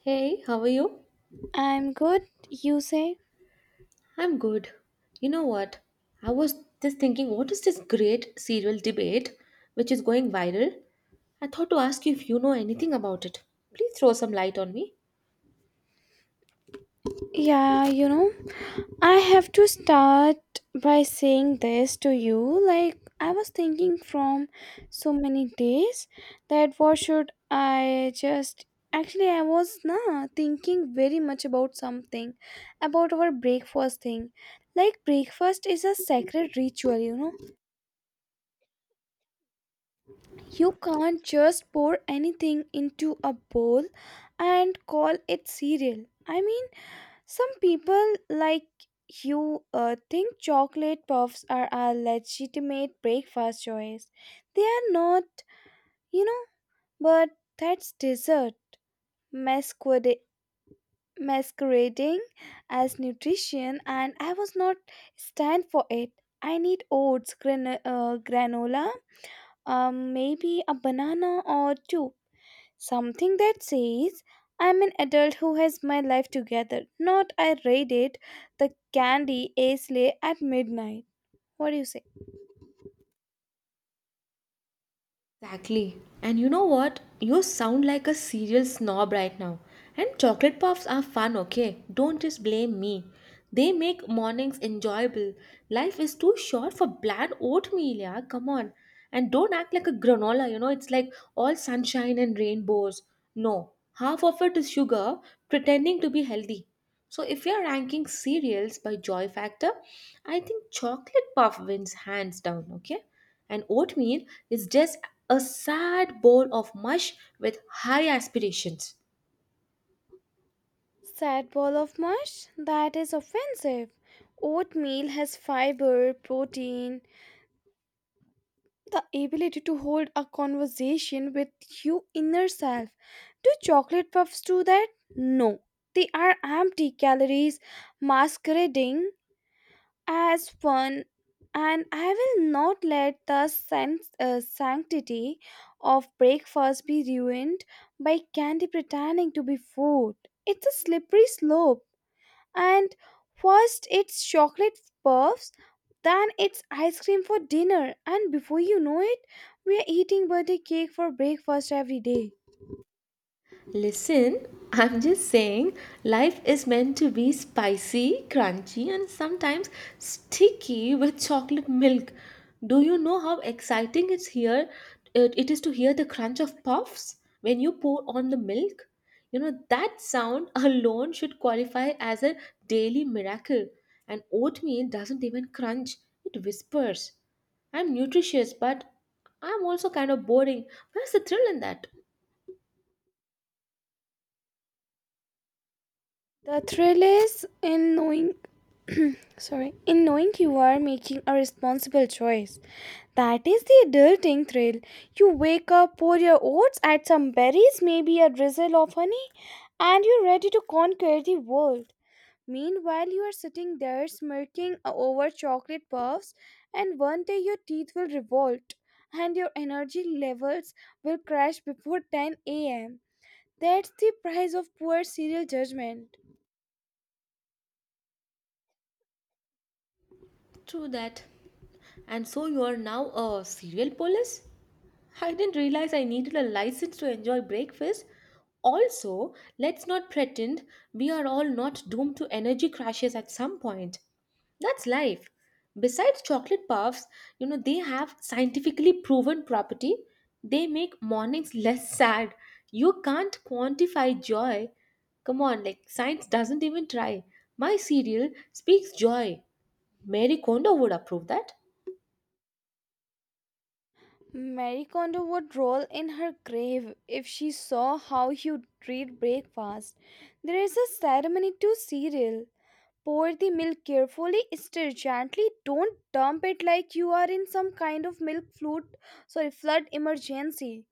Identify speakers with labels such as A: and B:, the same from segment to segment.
A: Hey, how are you?
B: I'm good, you say?
A: I'm good. You know what? I was just thinking, what is this great serial debate which is going viral? I thought to ask you if you know anything about it. Please throw some light on me.
B: Yeah, I have to start by saying this to you. Like, I was thinking from so many days that what should I just. Actually, I was thinking very much about something about our breakfast thing. Like, breakfast is a sacred ritual, you know. You can't just pour anything into a bowl and call it cereal. I mean, some people like you think chocolate puffs are a legitimate breakfast choice. They are not, you know, but that's dessert masquerade- masquerading as nutrition, and I was not stand for it. I need oats, granola, maybe a banana or two, something that says, I'm an adult who has my life together, not I read it, the candy ace lay at midnight. What do you say?
A: Exactly. And you know what? You sound like a cereal snob right now. And chocolate puffs are fun, okay? Don't just blame me. They make mornings enjoyable. Life is too short for bland oatmeal, yeah? Come on. And don't act like a granola, you know? It's like all sunshine and rainbows. No, half of it is sugar pretending to be healthy. So if you're ranking cereals by joy factor, I think chocolate puff wins hands down, okay? And oatmeal is just a sad bowl of mush with high aspirations.
B: Sad ball of mush? That is offensive. Oatmeal has fiber, protein, the ability to hold a conversation with your inner self. Do chocolate puffs do that? No. They are empty calories masquerading as fun, and I will not let the sanctity of breakfast be ruined by candy pretending to be food. It's a slippery slope, and first it's chocolate puffs, then it's ice cream for dinner, and before you know it we're eating birthday cake for breakfast every day.
A: Listen, I'm just saying, life is meant to be spicy, crunchy, and sometimes sticky with chocolate milk. Do you know how exciting it's here? It is to hear the crunch of puffs when you pour on the milk. You know, that sound alone should qualify as a daily miracle. And oatmeal doesn't even crunch, it whispers. I'm nutritious, but I'm also kind of boring. Where's the thrill in that?
B: The thrill is in knowing sorry, in knowing you are making a responsible choice. That is the adulting thrill. You wake up, pour your oats, add some berries, maybe a drizzle of honey, and you're ready to conquer the world. Meanwhile, you are sitting there smirking over chocolate puffs, and one day your teeth will revolt and your energy levels will crash before 10 am. That's the price of poor serial judgment.
A: True that. And so you are now a cereal police? I didn't realize I needed a license to enjoy breakfast. Also, let's not pretend we are all not doomed to energy crashes at some point. That's life. Besides chocolate puffs, you know, they have scientifically proven property. They make mornings less sad. You can't quantify joy. Come on, like science doesn't even try. My cereal speaks joy. Mary Kondo would approve that.
B: Mary Kondo would roll in her grave if she saw how you treat breakfast. There is a ceremony to cereal. Pour the milk carefully, stir gently, don't dump it like you are in some kind of milk flood, sorry, flood emergency.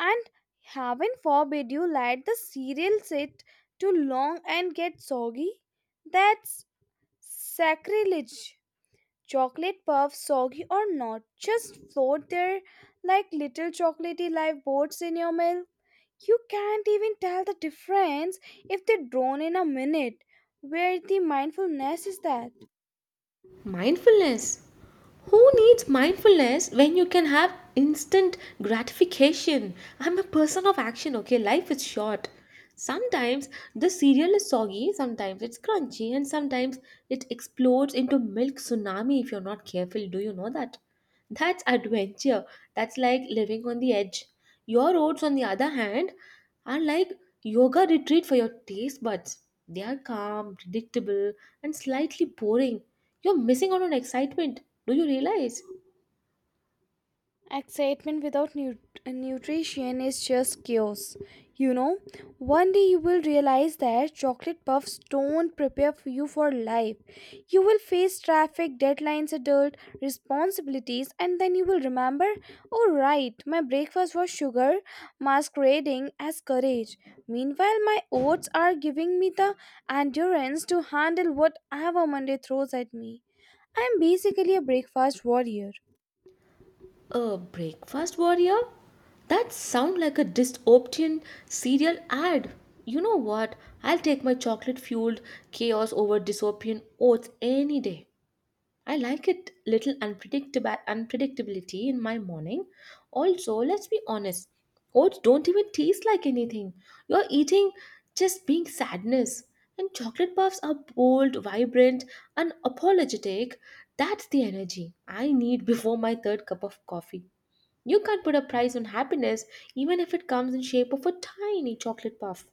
B: And heaven forbid you let the cereal sit too long and get soggy. That's sacrilege. Chocolate puffs, soggy or not, just float there like little chocolatey lifeboats in your milk. You can't even tell the difference if they drone in a minute. Where the mindfulness is that?
A: Mindfulness. Who needs mindfulness when you can have instant gratification? I'm a person of action, okay? Life is short. Sometimes the cereal is soggy, sometimes it's crunchy, and sometimes it explodes into milk tsunami if you're not careful. Do you know that? That's adventure. That's like living on the edge. Your oats, on the other hand, are like yoga retreat for your taste buds. They are calm, predictable, and slightly boring. You're missing out on excitement. Do you realize?
B: Excitement without nut nutrition is just chaos. You know, one day you will realize that chocolate puffs don't prepare for you for life. You will face traffic, deadlines, adult responsibilities, and then you will remember, oh, right, my breakfast was sugar masquerading as courage. Meanwhile, my oats are giving me the endurance to handle whatever Monday throws at me. I am basically a breakfast warrior.
A: A breakfast warrior? That sound like a dystopian cereal ad. You know what? I'll take my chocolate fueled chaos over dystopian oats any day. I like it little unpredictable unpredictability in my morning. Also, let's be honest, oats don't even taste like anything. You're eating just being sadness. And chocolate puffs are bold, vibrant, and apologetic. That's the energy I need before my third cup of coffee. You can't put a price on happiness even if it comes in shape of a tiny chocolate puff.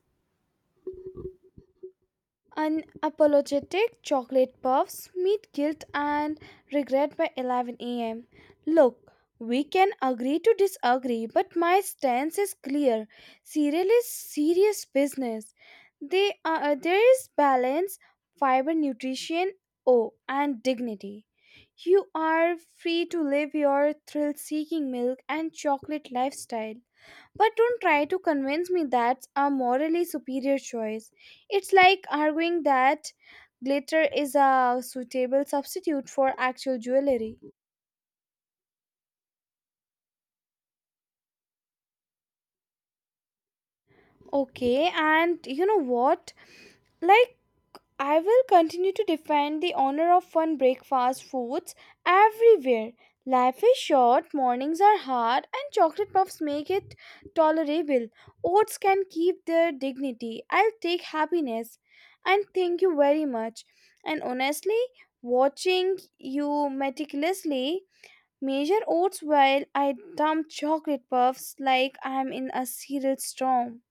B: Unapologetic chocolate puffs meet guilt and regret by 11 a.m. Look, we can agree to disagree, but my stance is clear. Cereal is serious business. There is balance, fiber, nutrition, oh, and dignity. You are free to live your thrill seeking milk and chocolate lifestyle. But don't try to convince me that's a morally superior choice. It's like arguing that glitter is a suitable substitute for actual jewelry. Okay, and you know what? Like, I will continue to defend the honor of fun breakfast foods everywhere. Life is short, mornings are hard, and chocolate puffs make it tolerable. Oats can keep their dignity. I'll take happiness. And thank you very much. And honestly, watching you meticulously measure oats while I dump chocolate puffs like I'm in a cereal storm.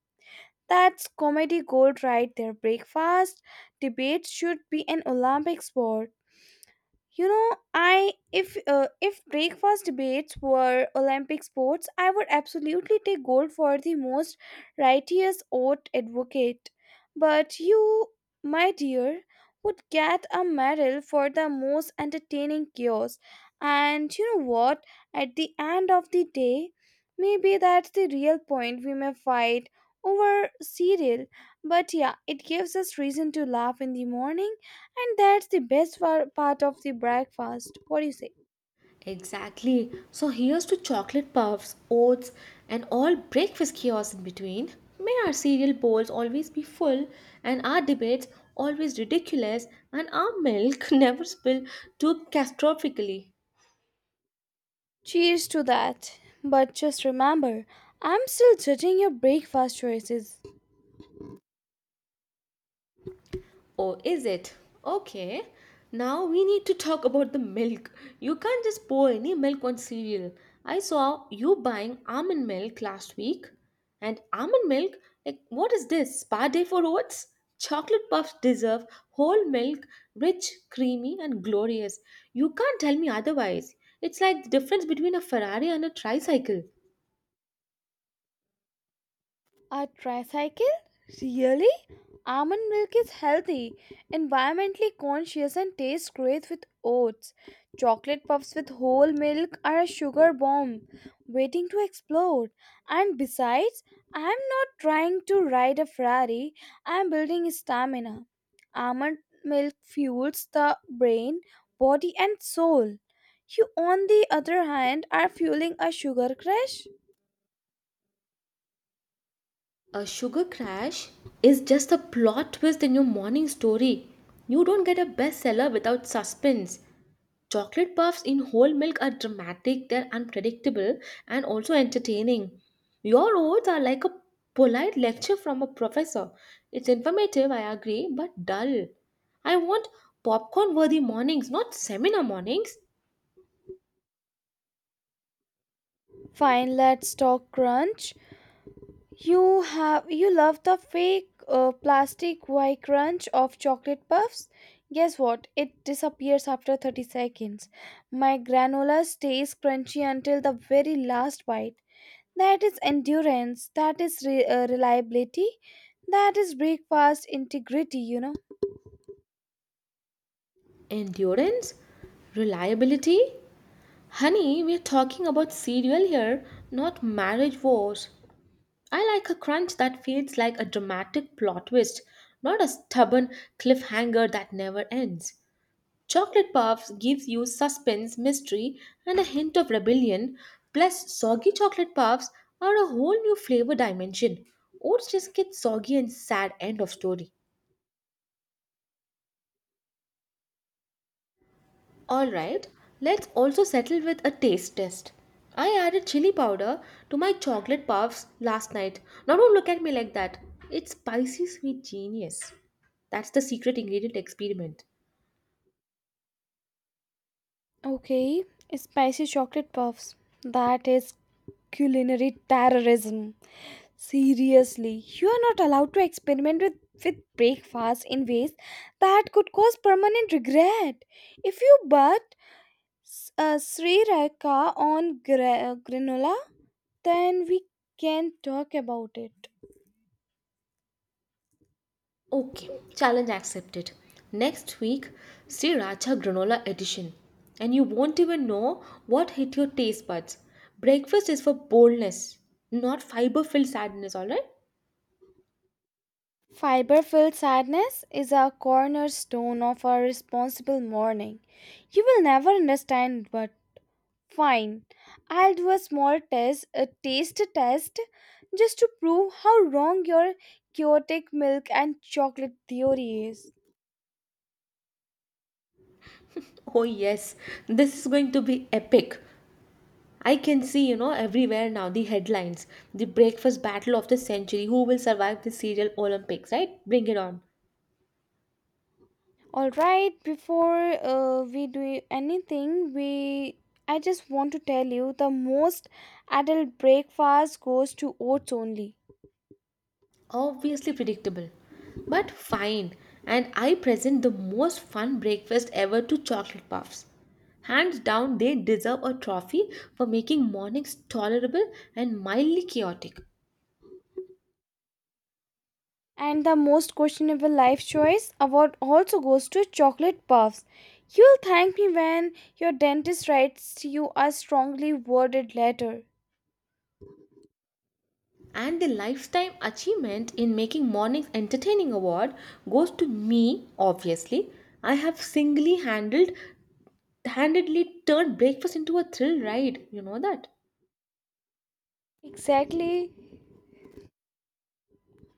B: That's comedy gold right there. Breakfast debates should be an Olympic sport. You know, I if breakfast debates were Olympic sports, I would absolutely take gold for the most righteous oath advocate. But you, my dear, would get a medal for the most entertaining chaos. And you know what? At the end of the day, maybe that's the real point. We may fight over cereal, but yeah, it gives us reason to laugh in the morning, and that's the part of the breakfast. What do you say?
A: Exactly. So here's to chocolate puffs, oats, and all breakfast chaos in between. May our cereal bowls always be full, and our debates always ridiculous, and our milk never spill too catastrophically.
B: Cheers to that. But just remember, I'm still judging your breakfast choices.
A: Oh, is it? Okay. Now we need to talk about the milk. You can't just pour any milk on cereal. I saw you buying almond milk last week. And almond milk? Like, what is this? Spa day for oats? Chocolate puffs deserve whole milk, rich, creamy, and glorious. You can't tell me otherwise. It's like the difference between a Ferrari and a tricycle.
B: A tricycle? Really? Almond milk is healthy, environmentally conscious, and tastes great with oats. Chocolate puffs with whole milk are a sugar bomb waiting to explode. And besides, I am not trying to ride a Ferrari, I am building stamina. Almond milk fuels the brain, body, and soul. You, on the other hand, are fueling a sugar crash.
A: A sugar crash is just a plot twist in your morning story. You don't get a bestseller without suspense. Chocolate puffs in whole milk are dramatic, they're unpredictable, and also entertaining. Your oats are like a polite lecture from a professor. It's informative, I agree, but dull. I want popcorn worthy mornings, not seminar mornings.
B: Fine, let's talk crunch. You love the fake plastic white crunch of chocolate puffs? Guess what? It disappears after 30 seconds. My granola stays crunchy until the very last bite. That is endurance. That is reliability. That is breakfast integrity.
A: Endurance? Reliability? Honey, we're talking about cereal here, not marriage wars. I like a crunch that feels like a dramatic plot twist, not a stubborn cliffhanger that never ends. Chocolate puffs gives you suspense, mystery, and a hint of rebellion. Plus, soggy chocolate puffs are a whole new flavor dimension. Oats just get soggy and sad end of story. Alright, let's also settle with a taste test. I added chili powder to my chocolate puffs last night. Now don't look at me like that. It's spicy sweet genius. That's the secret ingredient experiment.
B: Okay, spicy chocolate puffs. That is culinary terrorism. Seriously, you are not allowed to experiment with breakfast in ways that could cause permanent regret. If you but Sri Raka on granola, then we can talk about it.
A: Okay, challenge accepted. Next week, Sriracha Granola Edition. And you won't even know what hit your taste buds. Breakfast is for boldness, not fiber filled sadness, alright?
B: Fiber filled sadness is a cornerstone of our responsible morning. You will never understand but. Fine, I'll do a small test, a taste test, just to prove how wrong your chaotic milk and chocolate theory is.
A: Oh, yes, this is going to be epic. I can see, you know, everywhere now the headlines, the breakfast battle of the century, who will survive the cereal Olympics, right? Bring it on.
B: Alright, before we do anything, we I just want to tell you the most adult breakfast goes to oats only.
A: Obviously predictable, but fine. And I present the most fun breakfast ever to chocolate puffs. Hands down, they deserve a trophy for making mornings tolerable and mildly chaotic.
B: And the most questionable life choice award also goes to chocolate puffs. You'll thank me when your dentist writes you a strongly worded letter.
A: And the lifetime achievement in making mornings entertaining award goes to me, obviously. I have singly handled handedly turned breakfast into a thrill ride. You know that?
B: Exactly,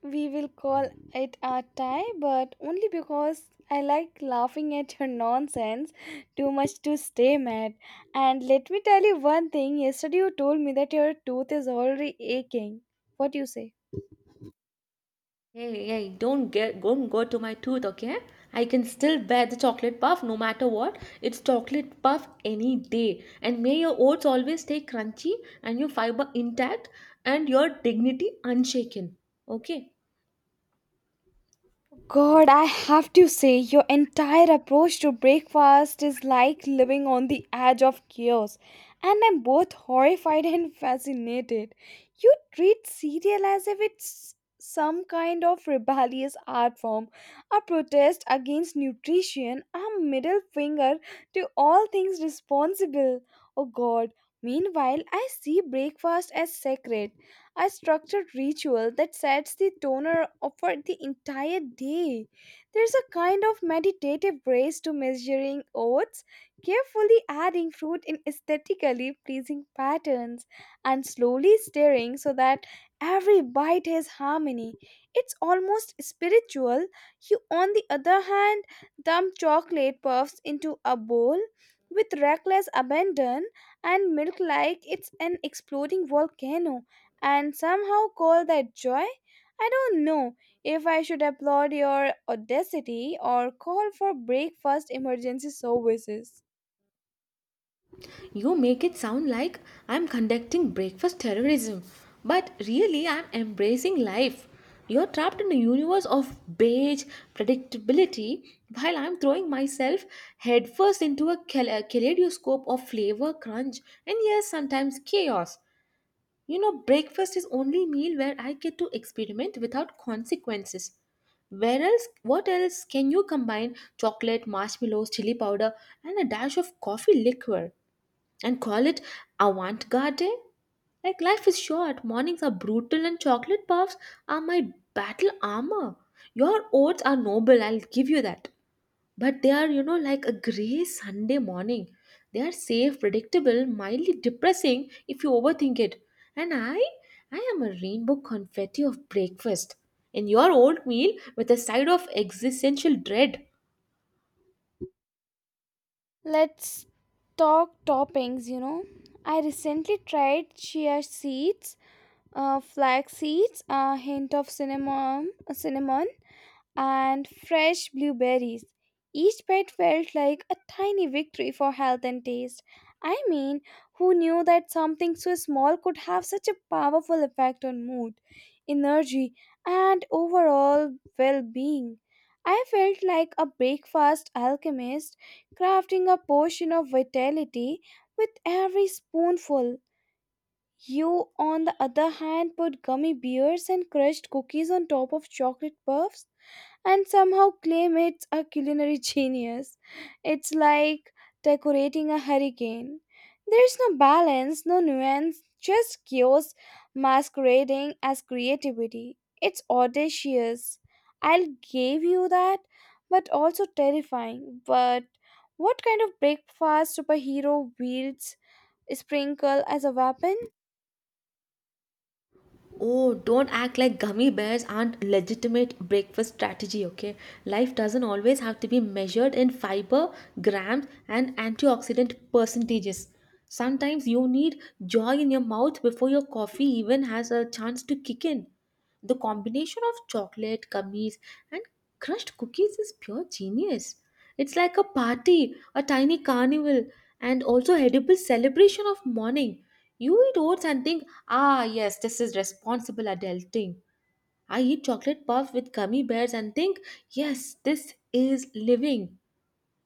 B: we will call it a tie, but only because I like laughing at your nonsense too much to stay mad. And let me tell you one thing, yesterday you told me that your tooth is already aching. What do you say?
A: Hey, hey, don't go to my tooth, okay? I can still bear the chocolate puff no matter what. It's chocolate puff any day. And may your oats always stay crunchy and your fiber intact and your dignity unshaken. Okay?
B: God, I have to say, your entire approach to breakfast is like living on the edge of chaos, and I'm both horrified and fascinated. You treat cereal as if it's some kind of rebellious art form, a protest against nutrition, a middle finger to all things responsible. Oh God, meanwhile, I see breakfast as sacred, a structured ritual that sets the toner up for the entire day. There's a kind of meditative grace to measuring oats, carefully adding fruit in aesthetically pleasing patterns, and slowly stirring so that every bite has harmony. It's almost spiritual. You, on the other hand, dump chocolate puffs into a bowl with reckless abandon and milk like it's an exploding volcano and somehow call that joy? I don't know if I should applaud your audacity or call for breakfast emergency services.
A: You make it sound like I'm conducting breakfast terrorism, but really I'm embracing life. You're trapped in a universe of beige predictability while I'm throwing myself headfirst into a kaleidoscope of flavor, crunch, and yes, sometimes chaos. You know, breakfast is only meal where I get to experiment without consequences. What else can you combine chocolate, marshmallows, chili powder, and a dash of coffee liqueur? And call it avant garde? Like, life is short, mornings are brutal, and chocolate puffs are my battle armor. Your oats are noble, I'll give you that. But they are, you know, like a grey Sunday morning. They are safe, predictable, mildly depressing if you overthink it. And I am a rainbow confetti of breakfast. And your oatmeal with a side of existential dread.
B: Let's talk toppings. I recently tried chia seeds, flax seeds, a hint of cinnamon and fresh blueberries. Each bite felt like a tiny victory for health and taste. I mean, who knew that something so small could have such a powerful effect on mood, energy, and overall well being? I felt like a breakfast alchemist crafting a potion of vitality with every spoonful. You, on the other hand, put gummy bears and crushed cookies on top of chocolate puffs and somehow claim it's a culinary genius. It's like decorating a hurricane. There's no balance, no nuance, just chaos masquerading as creativity. It's audacious. I'll give you that, but also terrifying. But what kind of breakfast superhero wields sprinkle as a weapon?
A: Oh, don't act like gummy bears aren't legitimate breakfast strategy, okay? Life doesn't always have to be measured in fiber, grams, and antioxidant percentages. Sometimes you need joy in your mouth before your coffee even has a chance to kick in. The combination of chocolate, gummies, and crushed cookies is pure genius. It's like a party, a tiny carnival, and also edible celebration of morning. You eat oats and think, ah, yes, this is responsible adulting. I eat chocolate puffs with gummy bears and think, yes, this is living.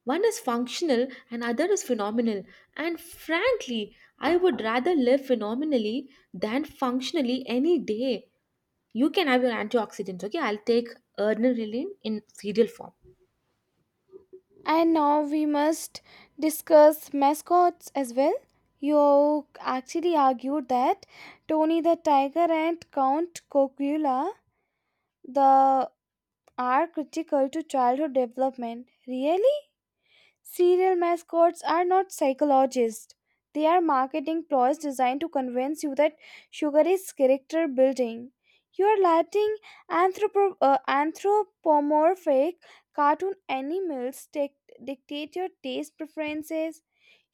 A: One is functional and other is phenomenal. And frankly, I would rather live phenomenally than functionally any day. You can have your antioxidants, okay? I'll take adrenaline in cereal form.
B: And now we must discuss mascots as well. You actually argued that Tony the Tiger and Count Cocula the are critical to childhood development. Really? Serial mascots are not psychologists. They are marketing ploys designed to convince you that sugar is character building. You are letting anthropomorphic cartoon animals dictate your taste preferences,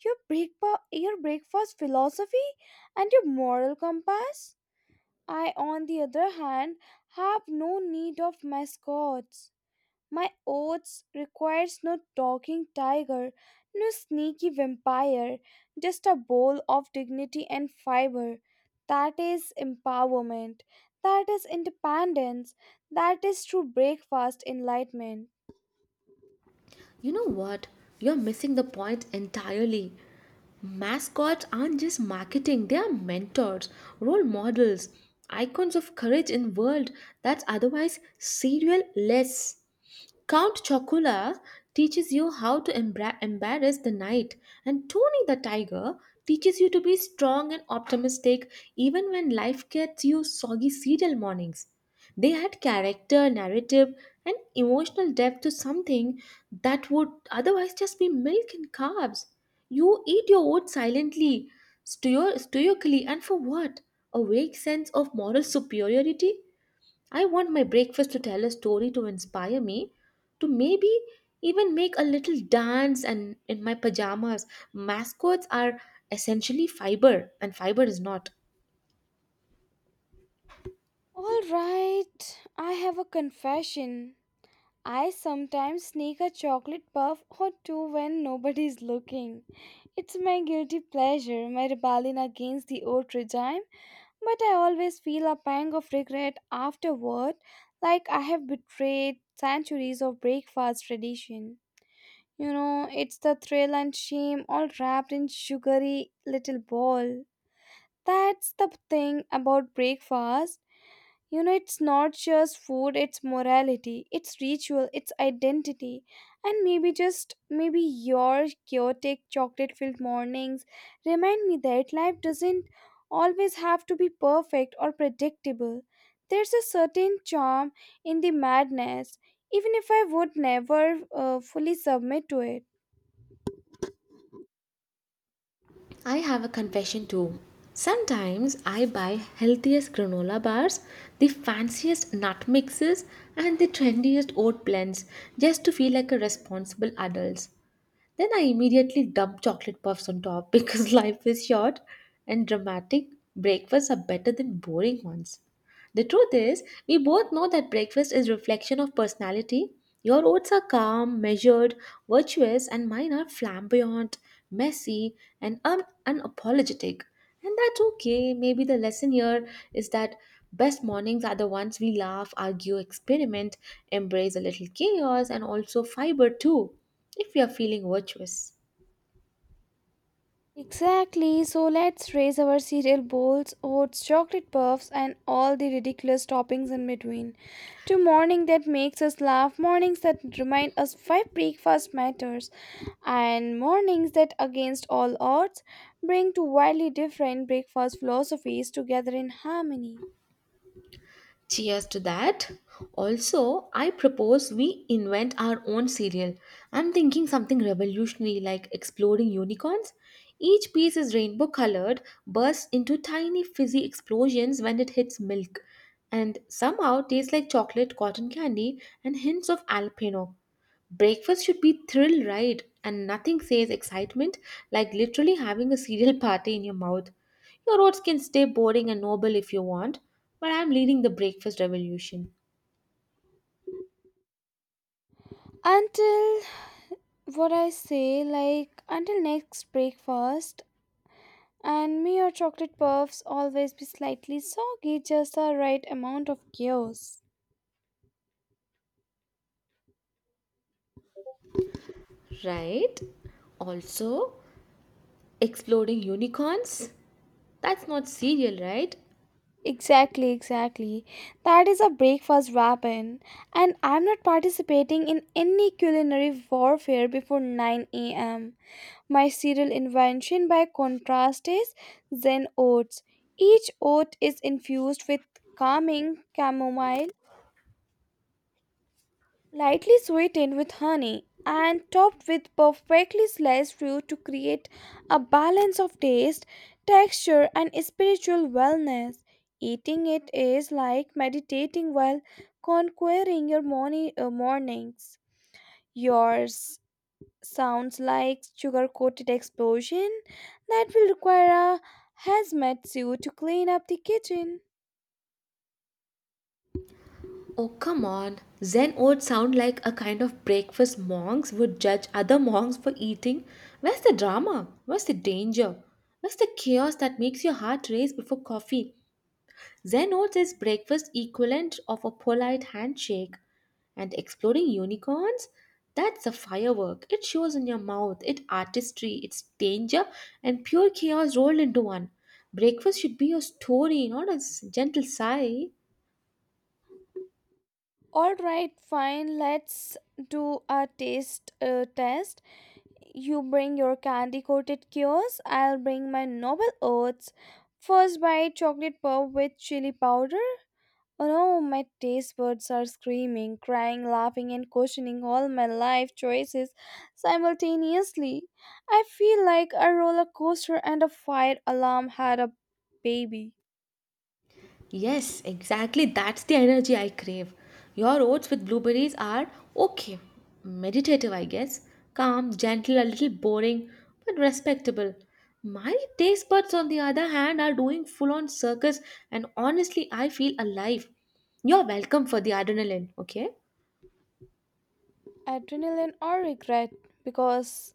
B: your breakfast philosophy, and your moral compass. I, on the other hand, have no need of mascots. My oaths requires no talking tiger, no sneaky vampire, just a bowl of dignity and fiber. That is empowerment. That is independence. That is true breakfast enlightenment.
A: You know what? You're missing the point entirely. Mascots aren't just marketing, they are mentors, role models, icons of courage in world that's otherwise serial less. Count Chocula teaches you how to embarrass the knight, and Tony the Tiger teaches you to be strong and optimistic even when life gets you soggy cereal mornings. They had character, narrative, and emotional depth to something that would otherwise just be milk and carbs. You eat your oats silently, stoically, and for what? A vague sense of moral superiority? I want my breakfast to tell a story to inspire me, to maybe even make a little dance and in my pajamas. Mascots are essentially fiber, and fiber is not.
B: All right, I have a confession. I sometimes sneak a chocolate puff or two when nobody's looking. It's my guilty pleasure, my rebellion against the old regime. But I always feel a pang of regret afterward, like I have betrayed centuries of breakfast tradition. You know, it's the thrill and shame all wrapped in sugary little ball. That's the thing about breakfast. You know, it's not just food, it's morality, it's ritual, it's identity. And maybe just maybe your chaotic chocolate filled mornings remind me that life doesn't always have to be perfect or predictable. There's a certain charm in the madness, even if I would never fully submit to it.
A: I have a confession too. Sometimes I buy healthiest granola bars, the fanciest nut mixes, and the trendiest oat blends just to feel like a responsible adult. Then I immediately dump chocolate puffs on top because life is short and dramatic breakfasts are better than boring ones. The truth is, we both know that breakfast is reflection of personality. Your oats are calm, measured, virtuous, and mine are flamboyant, messy, and unapologetic. And that's okay. Maybe the lesson here is that best mornings are the ones we laugh, argue, experiment, embrace a little chaos, and also fiber too, if we are feeling virtuous.
B: Exactly, so let's raise our cereal bowls, oats, chocolate puffs, and all the ridiculous toppings in between. To morning that makes us laugh, mornings that remind us why breakfast matters, and mornings that, against all odds, bring two wildly different breakfast philosophies together in harmony.
A: Cheers to that. Also, I propose we invent our own cereal. I'm thinking something revolutionary like exploding unicorns. Each piece is rainbow colored, bursts into tiny fizzy explosions when it hits milk, and somehow tastes like chocolate, cotton candy, and hints of alpino. Breakfast should be thrill ride and nothing says excitement like literally having a cereal party in your mouth. Your oats can stay boring and noble if you want, but I'm leading the breakfast revolution.
B: Until what I say, like until next breakfast. And may your chocolate puffs always be slightly soggy, just the right amount of chaos.
A: Right? Also, exploding unicorns? That's not cereal, right?
B: Exactly, exactly. That is a breakfast weapon, and I'm not participating in any culinary warfare before 9 a.m. My cereal invention, by contrast, is Zen Oats. Each oat is infused with calming chamomile, lightly sweetened with honey and topped with perfectly sliced fruit to create a balance of taste, texture, and spiritual wellness. Eating it is like meditating while conquering your morning, mornings. Yours sounds like sugar coated explosion that will require a hazmat suit to clean up the kitchen.
A: Oh, come on. Zen oats sound like a kind of breakfast monks would judge other monks for eating. Where's the drama? Where's the danger? Where's the chaos that makes your heart race before coffee? Zenno's is breakfast equivalent of a polite handshake. And exploding unicorns? That's a firework. It shows in your mouth, it artistry, it's danger, and pure chaos rolled into one. Breakfast should be a story, not gentle sigh.
B: All right, fine, let's do a taste test. You bring your candy coated cures, I'll bring my noble oats. First bite chocolate pop with chili powder. Oh no, my taste buds are screaming, crying, laughing, and questioning all my life choices simultaneously. I feel like a roller coaster and a fire alarm had a baby.
A: Yes, exactly. That's the energy I crave. Your oats with blueberries are okay, meditative, I guess. Calm, gentle, a little boring, but respectable. My taste buds, on the other hand, are doing full on circus, and honestly, I feel alive. You're welcome for the adrenaline, okay?
B: Adrenaline or regret, because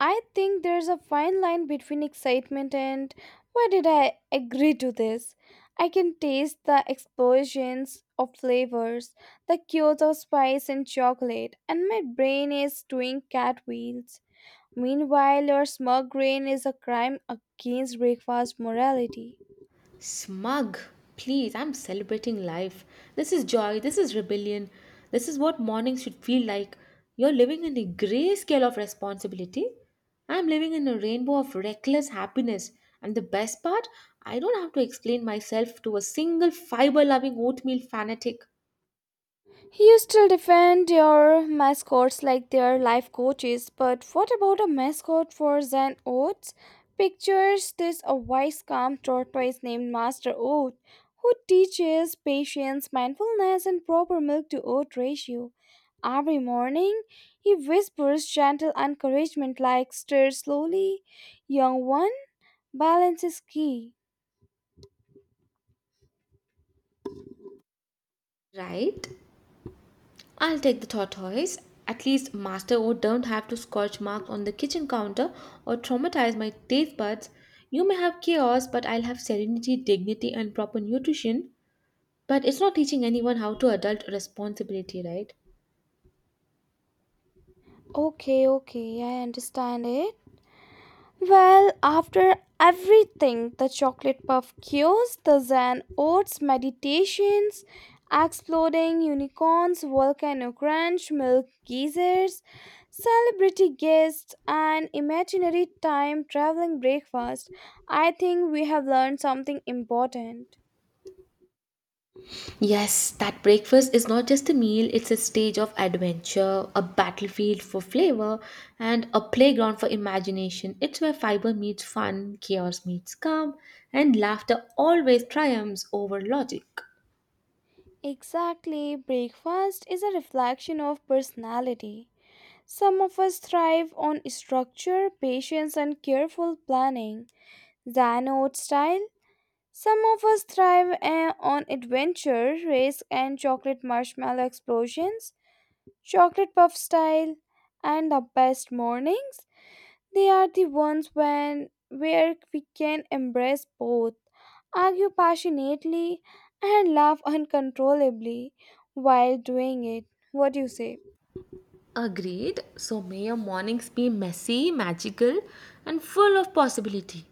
B: I think there's a fine line between excitement and why did I agree to this? I can taste the explosions of flavors, the cues of spice and chocolate, and my brain is doing cartwheels. Meanwhile, your smug brain is a crime against breakfast morality.
A: Smug. Please, I'm celebrating life. This is joy. This is rebellion. This is what mornings should feel like. You're living in a grayscale of responsibility. I'm living in a rainbow of reckless happiness. And the best part, I don't have to explain myself to a single fiber loving oatmeal fanatic,
B: You still defend your mascots like they're life coaches, but what about a mascot for Zen Oats? Pictures this, a wise, calm tortoise named Master Oat, who teaches patience, mindfulness, and proper milk to oat ratio. Every morning, he whispers gentle encouragement like, stir slowly, young one, balance is key.
A: right? I'll take the tortoise. At least Master O don't have to scorch marks on the kitchen counter or traumatize my taste buds. You may have chaos, but I'll have serenity, dignity, and proper nutrition. But it's not teaching anyone how to adult responsibility, right?
B: Okay, okay, I understand it. Well, after everything, the chocolate puff cures, the Zen oats meditations, exploding unicorns, volcano crunch, milk geysers, celebrity guests, and imaginary time traveling breakfast. I think we have learned something important.
A: Yes, that breakfast is not just a meal, it's a stage of adventure, a battlefield for flavor, and a playground for imagination. It's where fiber meets fun, chaos meets calm, and laughter always triumphs over logic.
B: Exactly, breakfast is a reflection of personality. Some of us thrive on structure, patience, and careful planning Xanaute style. Some of us thrive on adventure, risk, and chocolate marshmallow explosions. Chocolate puff style and the best mornings. They are the ones when where we can embrace both, argue passionately, and laugh uncontrollably while doing it. What do you say?
A: Agreed. So may your mornings be messy, magical, and full of possibility.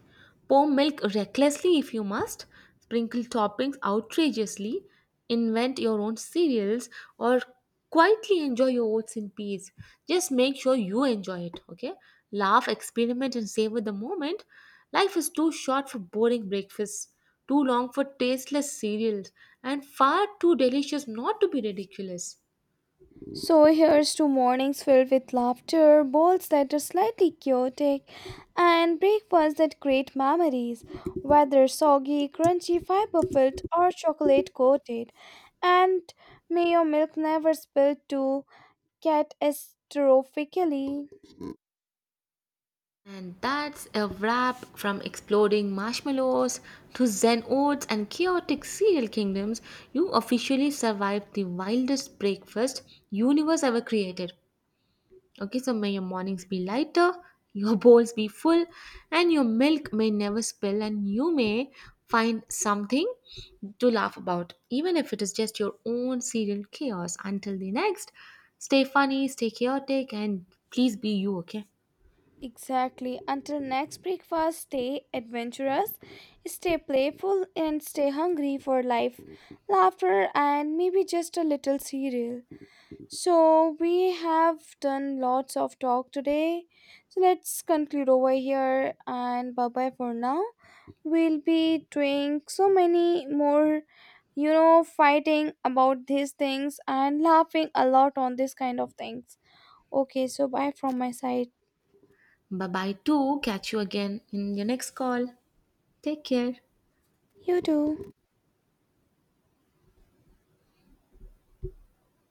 A: Pour milk recklessly if you must, sprinkle toppings outrageously, invent your own cereals, or quietly enjoy your oats in peace. Just make sure you enjoy it, okay? Laugh, experiment, and savor the moment. Life is too short for boring breakfasts, too long for tasteless cereals, and far too delicious not to be ridiculous.
B: So here's to mornings filled with laughter, bowls that are slightly chaotic, and breakfasts that create memories, whether soggy, crunchy, fiber filled, or chocolate coated. And may your milk never spill to catastrophically.
A: And that's a wrap from exploding marshmallows to Zen oats and chaotic cereal kingdoms. You officially survived the wildest breakfast universe ever created. Okay, so may your mornings be lighter, your bowls be full, and your milk may never spill, and you may find something to laugh about, even if it is just your own cereal chaos. Until the next, stay funny, stay chaotic, and please be you, okay?
B: Exactly. Until next breakfast, stay adventurous, stay playful, and stay hungry for life, laughter, and maybe just a little cereal. So we have done lots of talk today. So let's conclude over here and bye bye for now. We'll be doing so many more, you know, fighting about these things and laughing a lot on this kind of things. Okay, so bye from my side.
A: Bye bye, too. Catch you again in your next call. Take care.
B: You too.